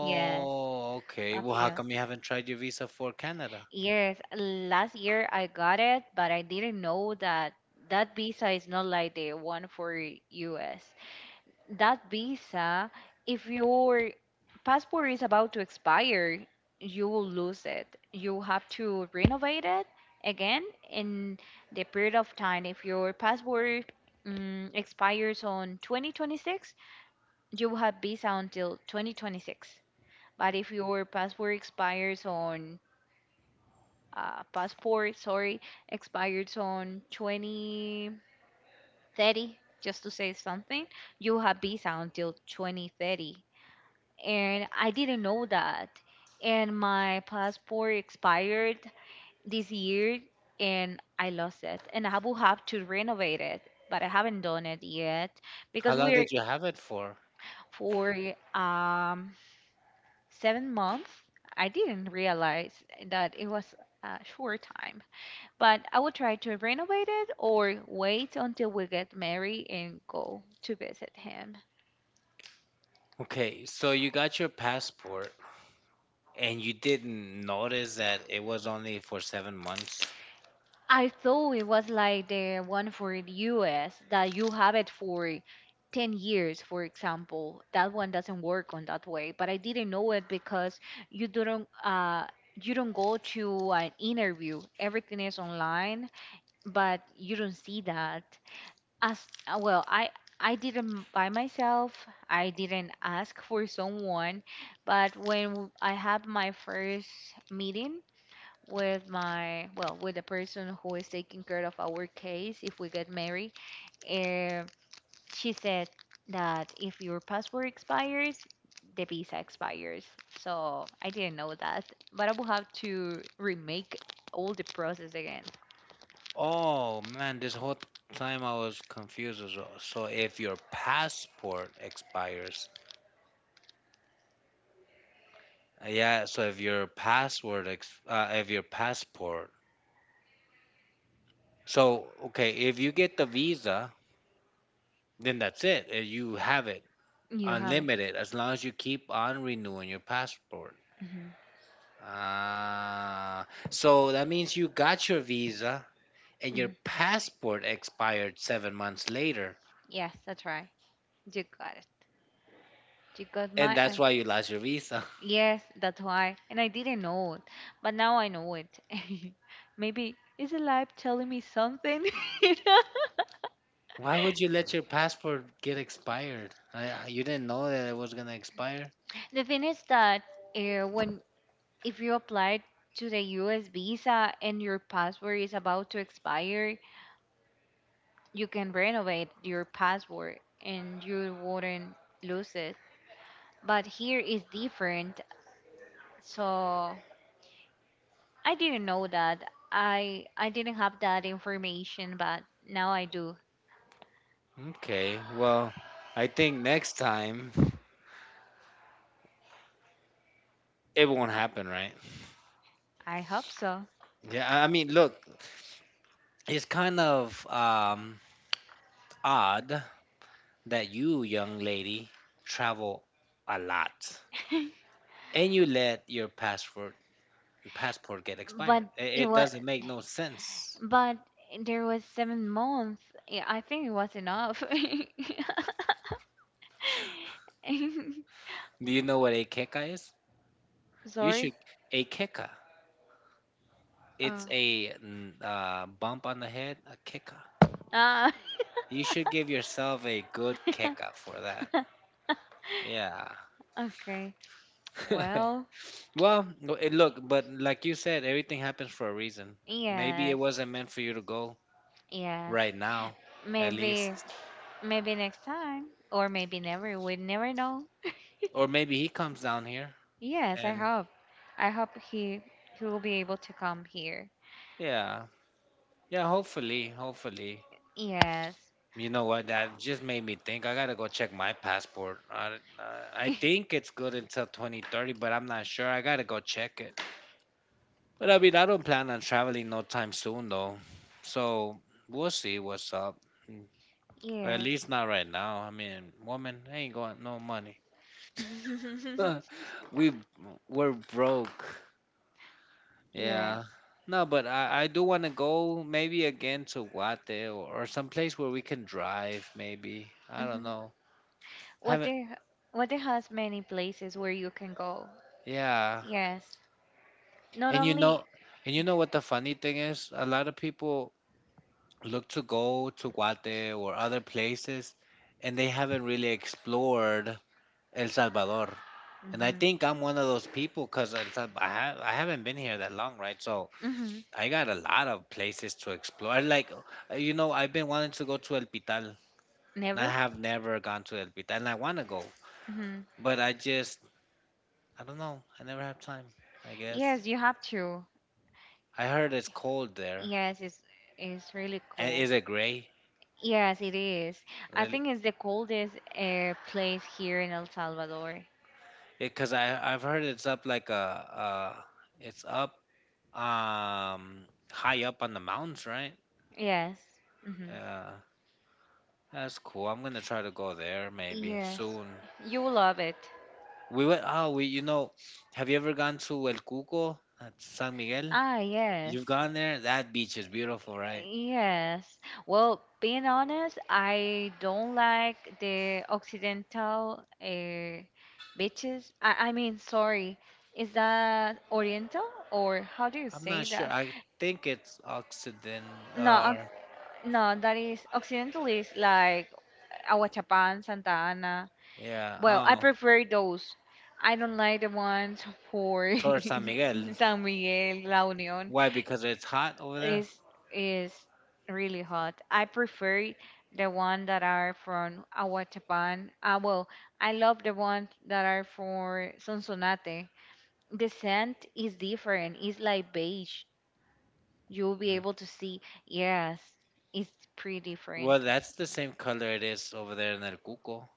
B: Yes,
A: okay.
B: a
A: Well, how
B: few.
A: come you haven't tried your visa for Canada?
B: Yes, last year I got it, but I didn't know that that visa is not like the one for US. That visa, if your passport is about to expire, you will lose it. You have to renovate it again in the period of time. If your passport expires on 2026, you will have visa until 2026. But if your passport uh, passport, sorry, expires on 2030, just to say something, you have visa until 2030. And I didn't know that. And my passport expired this year and I lost it. And I will have to renovate it, but I haven't done it yet
A: How
B: because
A: long
B: we're
A: did you have it for?
B: for um 7 months. I didn't realize that it was a short time, but I will try to renovate it or wait until we get married and go to visit him.
A: Okay, so you got your passport and you didn't notice that it was only for 7 months.
B: I thought it was like the one for the US that you have it for 10 years, for example. That one doesn't work on that way, but I didn't know it because you don't. You don't go to an interview. Everything is online, but you don't see that. As uh, well, I I didn't by myself. I didn't ask for someone, but when I had my first meeting with my with the person who is taking care of our case if we get married, uh, she said that if your passport expires, the visa expires. So I didn't know that, but I will have to remake all the process again.
A: Oh man, this whole time I was confused as well. So if your passport expires, yeah, so if your password ex if your passport, So, okay, if you get the visa, then that's it. You have it
B: You have it.
A: unlimited as long as you keep on renewing your passport.
B: Mhm,
A: Ah, so that means you got your visa and your
B: mhm.
A: passport expired 7 months later,
B: Yes, that's right. You got it. You got
A: and
B: my.
A: that's why you lost your visa.
B: Yes, that's why. And I didn't know it, but now I know it. Maybe is the life telling me something?
A: Why would you let your passport get expired? You didn't know that it was gonna expire?
B: The thing is that when if you apply to the US visa and your passport is about to expire, you can renovate your password and you wouldn't lose it. But here is different. So I didn't know that. I didn't have that information, but now I do.
A: Okay, well, I think next time it won't happen, right?
B: I hope so.
A: Yeah, I mean, look, it's kind of odd that you, young lady, travel a lot and you let your passport get
B: but
A: expired. I-
B: it
A: It
B: was
A: doesn't make no sense.
B: but there was 7 months. Yeah, I think it was enough.
A: Do you know what a keka is?
B: Sorry.
A: Should a keka? It's
B: Oh.
A: a bump on the head. A keka.
B: Ah.
A: You should give yourself a good keka for that. Yeah.
B: okay. Well.
A: Well, no, it, look, but like you said, everything happens for a reason. Maybe it
B: Yes.
A: wasn't meant for you to go
B: Yes.
A: right now, at least,
B: Maybe maybe next time or maybe never. We never know.
A: or maybe he comes down here.
B: Yes, I
A: And
B: hope. I hope he will be able to come here.
A: yeah, yeah, hopefully, hopefully.
B: Yes.
A: You know what? That just made me think. I gotta go check my passport. I think it's good until 2030, but I'm not sure. I gotta go check it. But I mean, I don't plan on traveling no time soon, though. So we'll see what's up. Mm. Or at
B: yes.
A: least not right now. I mean, woman, I ain't got no money. we we're broke. Yeah.
B: yes.
A: No, but I do want to go maybe again to Guate or someplace where we can drive maybe. I don't
B: Hmm.
A: know.
B: What
A: Haven't,
B: there what there has many places where you can go.
A: yeah.
B: Yes. Not
A: And you
B: only
A: know and you know what the funny thing is? A lot of people look to go to Guate or other places and they haven't really explored El Salvador. And I
B: Mhm.
A: think I'm one of those people because I haven't been here that long, right? So
B: Hmm.
A: I got a lot of places to explore. Like, you know, I've been wanting to go to El Pital. I
B: Never?
A: have never gone to El Pita, and I want to go,
B: Hmm.
A: but I just, I don't know. I never have time. I guess
B: Yes, you have to.
A: I heard it's cold there.
B: Yes, it's really
A: And
B: cold.
A: is it gray?
B: Yes, it is. I
A: Really?
B: think it's the coldest place here in El Salvador.
A: Because I've heard it's up like a it's up um high up on the mountains, right?
B: Yes. Hmm.
A: Yeah, that's cool. I'm gonna try to go there maybe
B: Yes.
A: soon.
B: You will love it.
A: We went. Oh, we you know, have you ever gone to El Cuco at San Miguel?
B: Ah,
A: You've
B: yes.
A: gone there. That beach is beautiful, right?
B: Yes. Well, being honest, I don't like the Occidental beaches. I mean, sorry, is that Oriental or how do you
A: I'm
B: say
A: not sure.
B: that?
A: I think it's Occident
B: No,
A: or
B: oc- no, that is Occidental is like Aguachapan, Santa Ana.
A: yeah,
B: Well, I
A: oh,
B: prefer those. I don't like the ones for
A: Torre San Miguel.
B: San Miguel, La Unión.
A: Why? Because it's hot over there.
B: Is is really hot. I prefer the one that are from Aguachapan. Ah, well, I love the ones that are for Sonsonate. The scent is different. It's like beige. You'll be able to see. Yes, it's pretty different.
A: Well, that's the same color it is over there in El Cuco.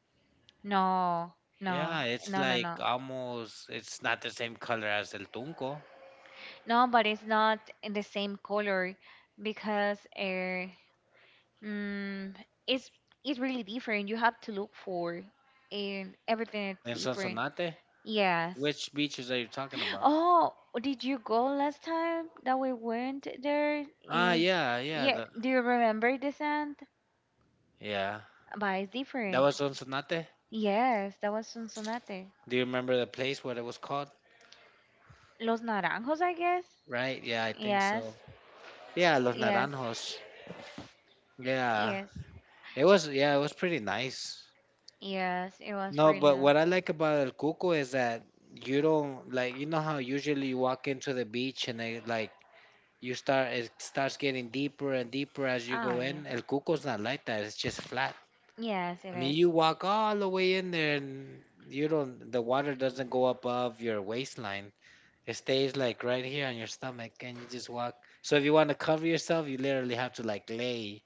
B: No, no,
A: It's
B: no, no,
A: like
B: no.
A: almost. It's not the same color as El Tunco
B: No, but it's not in the same color because Mm, it's it's really different. You have to look for and everything is
A: in
B: different.
A: Sonsonate.
B: Yes.
A: Which beaches are you talking about?
B: Oh, did you go last time that we went there?
A: Ah,
B: In,
A: yeah, yeah,
B: yeah,
A: the,
B: do you remember the sand?
A: yeah.
B: But it's
A: That
B: different.
A: was Sonsonate.
B: Yes, that was Sonsonate.
A: Do you remember the place what it was called?
B: Los Naranjos, I guess.
A: Right? Yeah, I think
B: Yes,
A: so. Yeah, Los
B: yes,
A: Naranjos. Yeah,
B: yes,
A: it was. Yeah, it was pretty nice.
B: yes. It was
A: No,
B: really nice.
A: but what I like about El Cuco is that you don't, like, you know how usually you walk into the beach and they like you start, it starts getting deeper and deeper as you
B: Oh
A: go
B: yeah.
A: in. El Cuco's not like that. It's just flat.
B: Yes, it
A: I mean,
B: is.
A: you walk all the way in there and you don't, the water doesn't go above your waistline. It stays like right here on your stomach and you just walk. So if you want to cover yourself, you literally have to like lay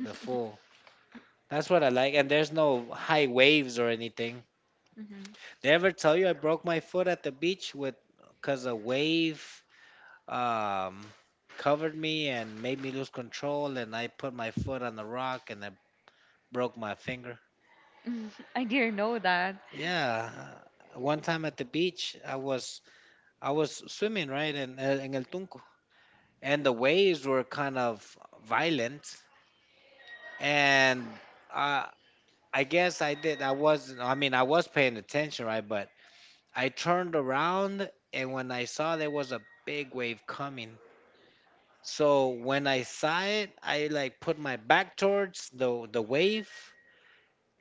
A: the full. That's what I like. And there's no high waves or anything.
B: Mhm.
A: Did I ever tell you I broke my foot at the beach with because a wave um, covered me and made me lose control, and I put my foot on the rock and I broke my finger.
B: I didn't know that.
A: Yeah, one time at the beach, I was swimming right in El Tunco, and the waves were kind of violent, and uh, I guess I did. I mean I was paying attention, right? But I turned around, and when I saw there was a big wave coming. So when I saw it, I like put my back towards the wave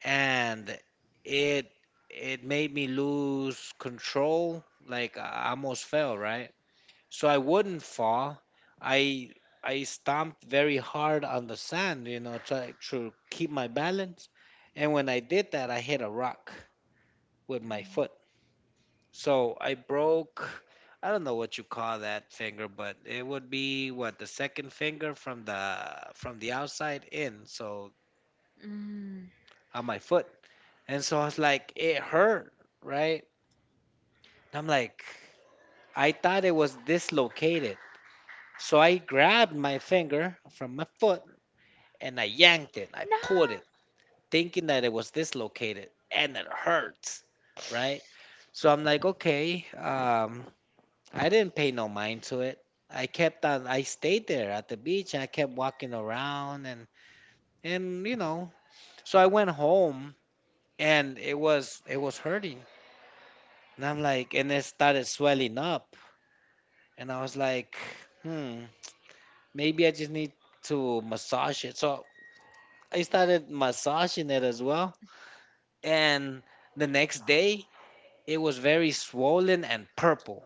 A: and it it made me lose control. Like I almost fell, right? So I wouldn't fall. I I stomped very hard on the sand, you know, try to keep my balance. And when I did that, I hit a rock with my
B: Mm.
A: foot so I broke, I don't know what you call that finger, but it would be what the second finger from the outside in, so
B: Mm.
A: on my foot. And so I was like, it hurt, right? And I'm like, I thought it was dislocated. So I grabbed my finger from my foot and I yanked it. I pulled
B: Nah,
A: it, thinking that it was dislocated, and it hurts, right? So I'm like, okay, I didn't pay no mind to it. I kept on, I stayed there at the beach and I kept walking around, and you know, so I went home and it was hurting. And I'm like, and it started swelling up and I was like, "Hmm, maybe I just need to massage it." So I started massaging it as well. And the next day, it was very swollen and purple.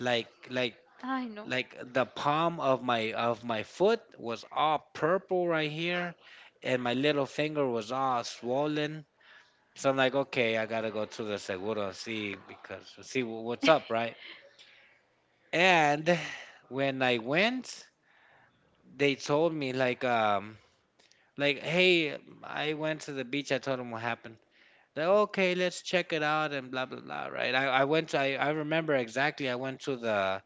A: Like like
B: I know.
A: like the palm of my foot was all purple right here and my little finger was all swollen. So I'm like, okay, I gotta go to the seguro and see, because see what's up, right? And when I went they told me like, like, hey, I went to the beach, I told them what happened. They're okay, let's check it out and blah blah blah, right? I, went to, I remember exactly I went to the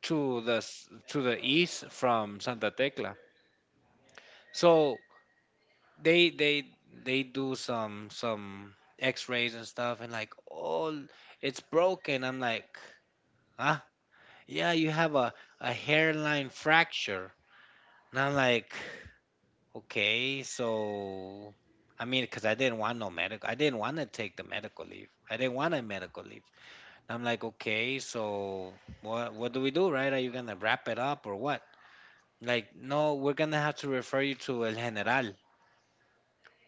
A: to the east from Santa Tecla, so they they they do some x-rays and stuff and like, oh, it's broken. I'm like, huh, yeah, you have a hairline fracture, and I'm like, okay. So I mean, because I didn't want no medical, I didn't want to take the medical leave, I didn't want a medical leave, and I'm like, okay, so what do we do, right? Are you gonna wrap it up or what? Like, no, we're gonna have to refer you to El General.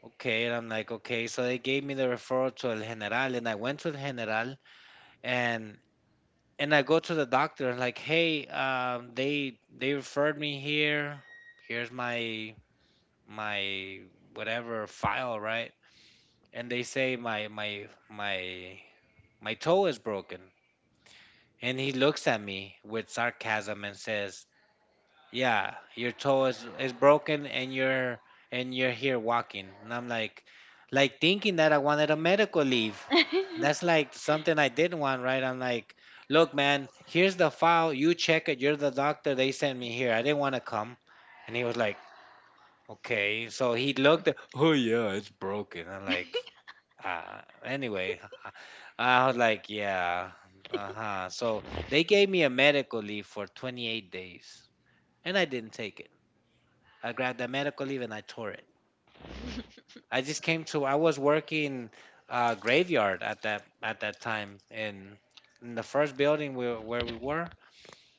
A: Okay, and I'm like, okay, so they gave me the referral to El General, and I went to El General, and I go to the doctor, and like, hey, they referred me here. Here's my my whatever file, right? And they say my toe is broken, and he looks at me with sarcasm and says, yeah, your toe is broken, and you're here walking, and I'm like thinking that I wanted a medical leave. That's like something I did one, right? I'm like, look, man, here's the file. You check it. You're the doctor. They sent me here. I didn't want to come. And he was like, okay. So he looked at, oh, yeah, it's broken. I'm like, ah, anyway. I was like, yeah, uh huh. So they gave me a medical leave for 28 days, and I didn't take it. I grabbed that medical leave and I tore it. I just came to. I was working graveyard at that time in the first building where we were.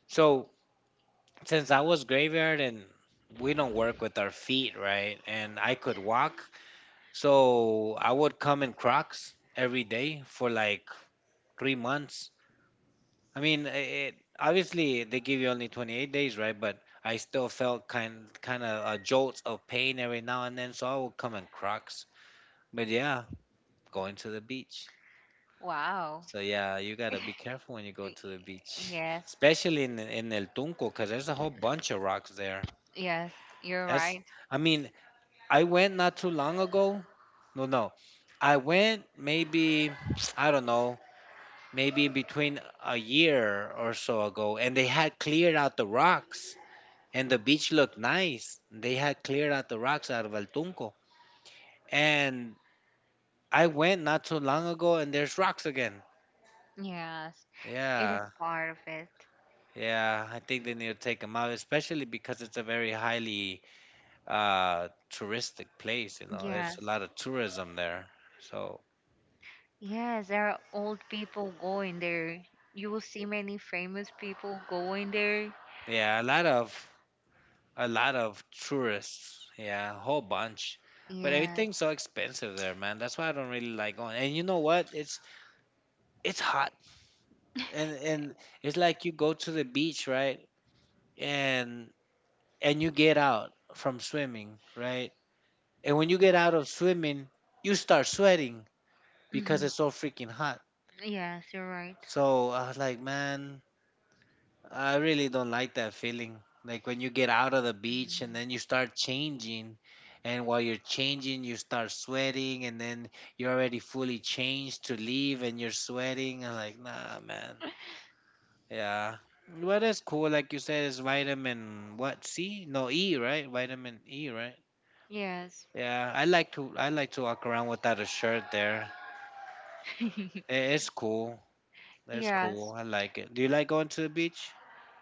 A: So since I was graveyard and we don't work with our feet, right? And I could walk, so I would come in Crocs every day for like 3 months. I mean, it, obviously they give you only 28 days, right? But I still felt kind of jolts of pain every now and then, so I would come in Crocs. But yeah, going to the beach.
B: wow.
A: So yeah, you
B: Y-
A: gotta be careful when you go to the beach,
B: Yes.
A: especially in El Tunco, 'cause there's a whole bunch of rocks there.
B: Yes, you're
A: That's,
B: right.
A: I mean, I went not too long ago. No, no, I went maybe I don't know, maybe between a year or so ago, and they had cleared out the rocks, and the beach looked nice. They had cleared out the rocks out of El Tunco, and I went not too long ago, and there's rocks again.
B: Yes, it is
A: Yeah,
B: part of it.
A: yeah, I think they need to take them out, especially because it's a very highly touristic place. You know, there's a
B: Yes.
A: lot of tourism there. So
B: Yes, there are old people going there. You will see many famous people going there.
A: yeah, a lot of tourists. Yeah, a whole bunch. But
B: Yeah.
A: everything's so expensive there, man. That's why I don't really like going. And you know what? It's hot, and it's like you go to the beach, right? And and you get out from swimming, right? And when you get out of swimming, you start sweating because
B: Mhm.
A: it's so freaking hot.
B: Yes, you're right.
A: So I was like, man, I really don't like that feeling. Like when you get out of the beach and then you start changing, and while you're changing, you start sweating, and then you're already fully changed to leave and you're sweating. I'm like, nah, man. Yeah. But it's cool. Like you said, it's vitamin what? C? No, E, right? Vitamin E, right?
B: Mhm. Yes.
A: Yeah. I like to walk around without a shirt there. It's cool. That's cool.
B: Yes.
A: I like it. Do you like going to the beach?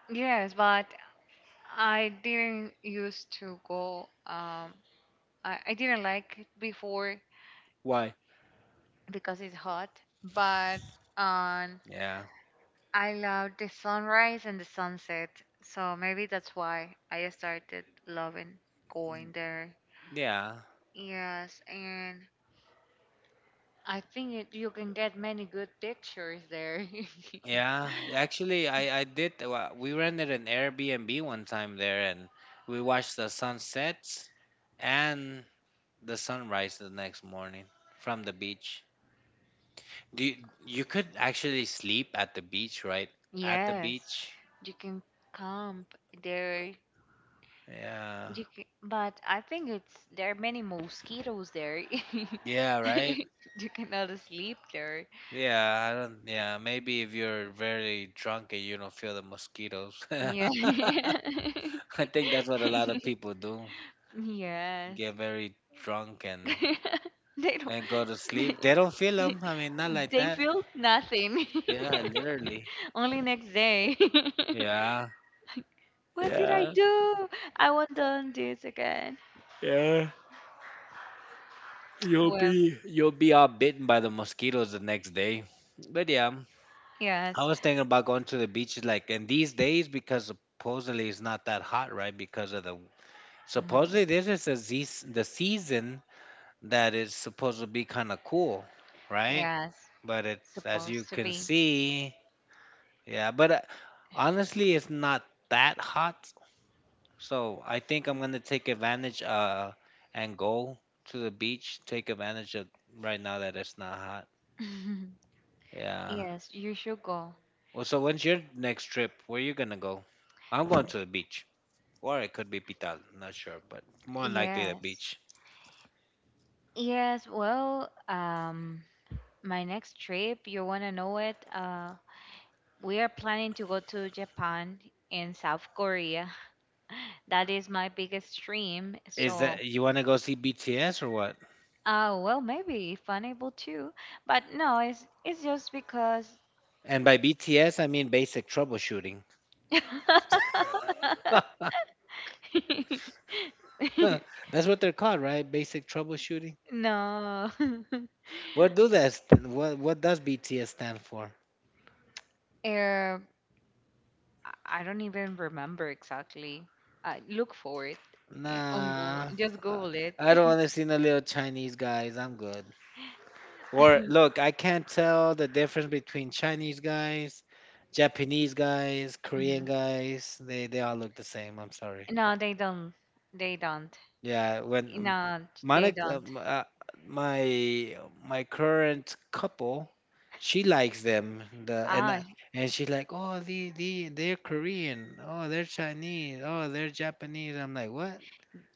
B: Yes, but I didn't used to go. Um, I didn't like it before
A: Why?
B: because it's hot. But um,
A: Yeah.
B: I love the sunrise and the sunset, so maybe that's why I started loving going there.
A: Yeah.
B: Yes, and I think it, you can get many good pictures there.
A: Yeah. Actually, I did. We rented an Airbnb one time there, and we watched the sunsets and the sunrise the next morning from the beach. You could actually sleep at the beach, right? At the
B: yes,
A: beach.
B: you can camp there.
A: Yeah.
B: You can, but I think it's there are many mosquitoes there.
A: Yeah. Right.
B: You cannot sleep there.
A: Yeah. I don't. Yeah. Maybe if you're very drunk and you don't feel the mosquitoes.
B: Yeah.
A: I think that's what a lot of people do.
B: Yes.
A: Get very drunk and
B: They don't.
A: and go to sleep. They
B: They,
A: don't feel them. I mean, not like
B: they feel nothing.
A: yeah, literally.
B: Only next day.
A: Yeah,
B: What did I do? I want done this again.
A: yeah. You'll
B: Well,
A: be you'll be all bitten by the mosquitoes the next day. But yeah, I
B: yes.
A: was thinking about going to the beach like and these days because supposedly it's not that hot, right? Because of the
B: Mhm.
A: supposedly this is a the season that is supposed to be kind of cool, right?
B: Yes.
A: But it's as you
B: Supposed to
A: can
B: be.
A: see, yeah. But honestly, it's not that hot. So I think I'm gonna take advantage and go to the beach. Take advantage of right now that it's not hot. Yeah.
B: Yes, you should go.
A: Well, so when's your next trip? Where you gonna go? I'm going to the beach, or it could be Pital. Not sure, but more than likely the
B: Yes.
A: beach.
B: Yes, well, my next trip, you wanna know it? We are planning to go to Japan and South Korea. That is my biggest dream.
A: Is
B: So,
A: that you wanna go see BTS or what?
B: oh, well, maybe if unable to, but no, it's just because
A: And by BTS, I mean basic troubleshooting. That's what they're called, right? Basic troubleshooting.
B: no.
A: What do that? St- What does BTS stand for?
B: Er, I I don't even remember exactly. I look for it on Google.
A: Nah,
B: Just
A: I
B: Google it.
A: I don't want to see no little Chinese guys. I'm good. Or look, I can't tell the difference between Chinese guys, Japanese guys, Korean
B: Mhm.
A: guys. They all look the same. I'm sorry.
B: No, they don't. They don't.
A: Yeah, when
B: No,
A: my
B: they
A: next-
B: don't.
A: m- my my current couple, she likes them. The and I,
B: Ah,
A: and She's like, oh, the they're Korean. Oh, they're Chinese. Oh, they're Japanese. I'm like, what?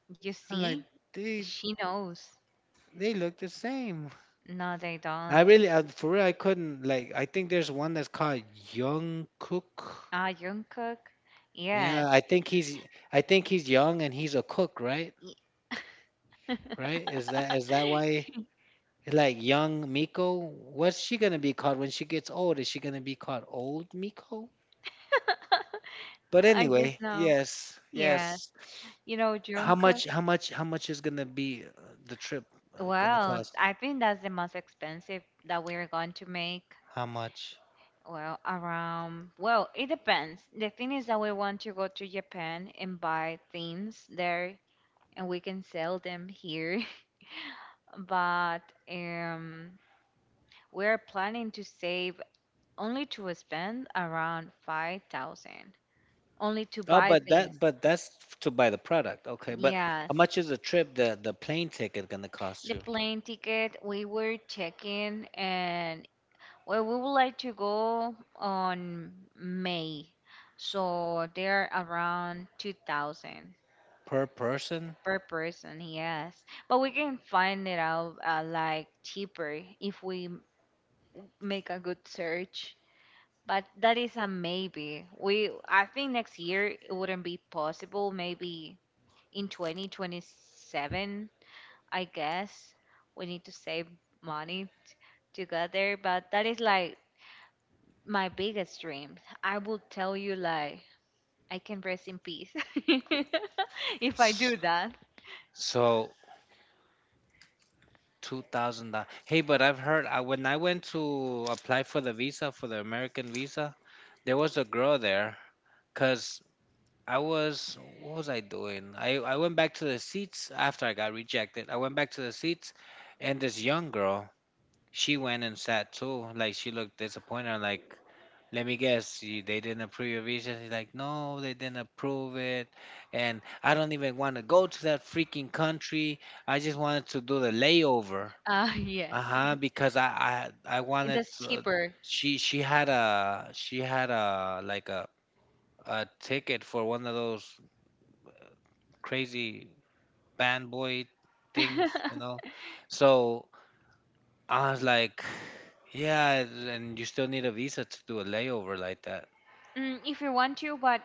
B: you
A: I'm
B: see,
A: like. They,
B: she knows.
A: They look the same.
B: No, they don't.
A: For real, I couldn't like. I think there's one that's called Young Cook.
B: Ah, Jungkook.
A: Yeah,
B: Yes.
A: I think he's young and he's a cook, right?
B: Y-
A: Right? Is that why? Like young Miko, what's she gonna be called when she gets old? Is she gonna be called old Miko? But
B: I guess
A: anyway,
B: no.
A: yes,
B: Yes.
A: yes.
B: You know,
A: How
B: Jungkook.
A: much? How much? How much is gonna be the trip gonna
B: Well,
A: cost?
B: I think that's the most expensive that we're going to make.
A: How much?
B: Well, around. Well, it depends. The thing is that we want to go to Japan and buy things there, and we can sell them here. But um, we're planning to save only to spend around 5,000 only to
A: Oh,
B: buy
A: but
B: things.
A: that but that's to buy the product. Okay, but
B: Yes,
A: how much is the the plane ticket gonna cost
B: the
A: you
B: plane ticket we were checking, and well, we would like to go on May, so they're around 2000
A: per person?
B: per person. Yes, but we can find it out like cheaper if we make a good search. But that is a maybe. We i think next year it wouldn't be possible. Maybe in 2027, I guess, we need to save money to get there. But that is like my biggest dream. I will tell you, like, I can rest in peace if I do that.
A: So $2,000. Hey, but I've heard when I went to apply for the visa for the American visa, there was a girl there. Cause I was what was I doing? I went back to the seats after I got rejected. I went back to the seats, and this young girl, she went and sat too. Like she looked disappointed. I'm like. Let me guess, you, they didn't approve your visa. He's like, no, they didn't approve it. And I don't even want to go to that freaking country. I just wanted to do the layover.
B: Uh, yes,
A: Uh-huh, because I wanted
B: it's cheaper.
A: she had a like a ticket for one of those uh, crazy band boy things, you know. So I was like, yeah, and you still need a visa to do a layover like that.
B: Mm, if you want to. But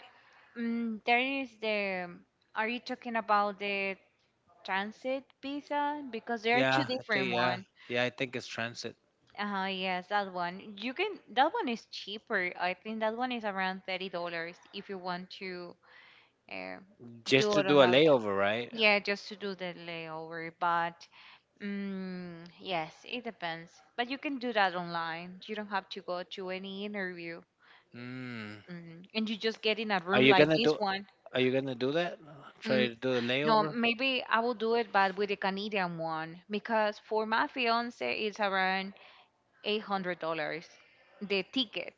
B: mm, there is the, are you talking about the transit visa? Because there are two different.
A: Think Yeah, yeah, I think it's transit.
B: Uh-huh, yes, that one. You can, that one is cheaper. I think that one is around $30 if you want to uh,
A: Just
B: do
A: to
B: it on
A: do a
B: that one.
A: layover, right?
B: Yeah, just to do the layover. But mm, yes, it depends. But you can do that online. You don't have to go to any interview.
A: Mm.
B: Mm. And you just get in a
A: Are
B: room
A: you
B: like
A: gonna
B: this
A: do?
B: one.
A: Are you gonna do that? Try
B: Mm,
A: to do the
B: no,
A: layover?
B: maybe I will do it, but with the Canadian one, because for my fiance it's around $800 the ticket.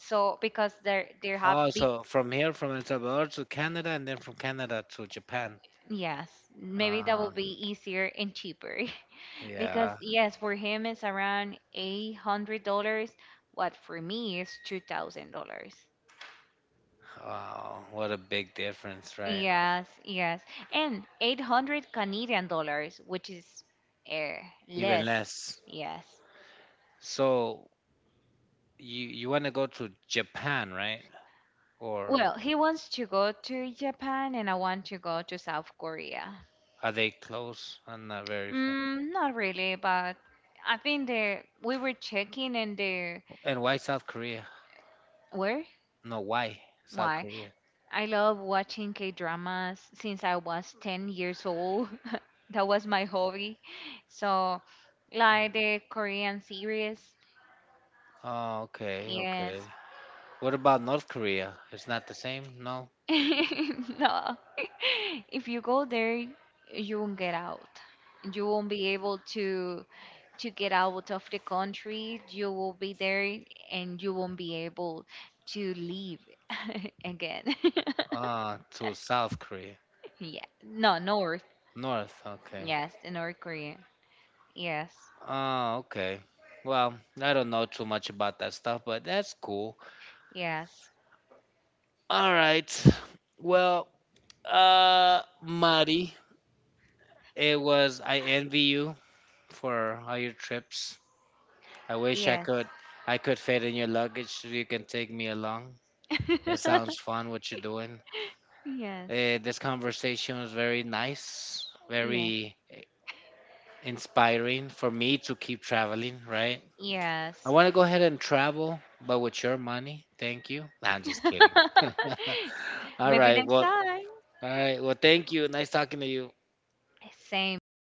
B: So because they have
A: Oh,
B: big,
A: so from here, from El Salvador to Canada, and then from Canada to Japan.
B: yes, maybe that
A: Uh,
B: will be easier and cheaper. Because
A: yeah.
B: yes, for him it's around $800, what for me is $2,000.
A: Wow, what a big difference, right?
B: Yes, yes, and 800 Canadian dollars, which is uh,
A: Even
B: less.
A: less.
B: Yes.
A: So you want to go to Japan, right? Or
B: Well, he wants to go to Japan, and I want to go to South Korea.
A: are they close? I'm not very.
B: Mm, not really, but I think they we were checking and they,
A: And why South Korea?
B: where.
A: No, why South
B: Why?
A: Korea?
B: I love watching K dramas since I was 10 years old. That was my hobby. So, like the Korean series,
A: Oh, okay,
B: yes.
A: okay. What about North Korea? It's not the same, no?
B: No. If you go there, you won't get out. You won't be able to get out of the country. You will be there and you won't be able to leave again.
A: Ah, to South Korea.
B: Yeah. No, North.
A: North, okay.
B: Yes, the North Korea. Yes.
A: Ah, okay. Well, I don't know too much about that stuff, but that's cool.
B: Yes.
A: All right. Well, Mari, it was I envy you for all your trips. I wish I
B: Yes.
A: could I could fit in your luggage so you can take me along. It sounds fun what you're doing.
B: Yes.
A: This conversation was very nice,
B: Yeah.
A: very inspiring for me to keep traveling, right? I
B: Yes.
A: want to go ahead and travel, but with your money. Thank you. Nah, I'm just kidding. All
B: Maybe
A: right.
B: next time.
A: All right. Well, thank you. Nice talking to you.
B: Same. Thank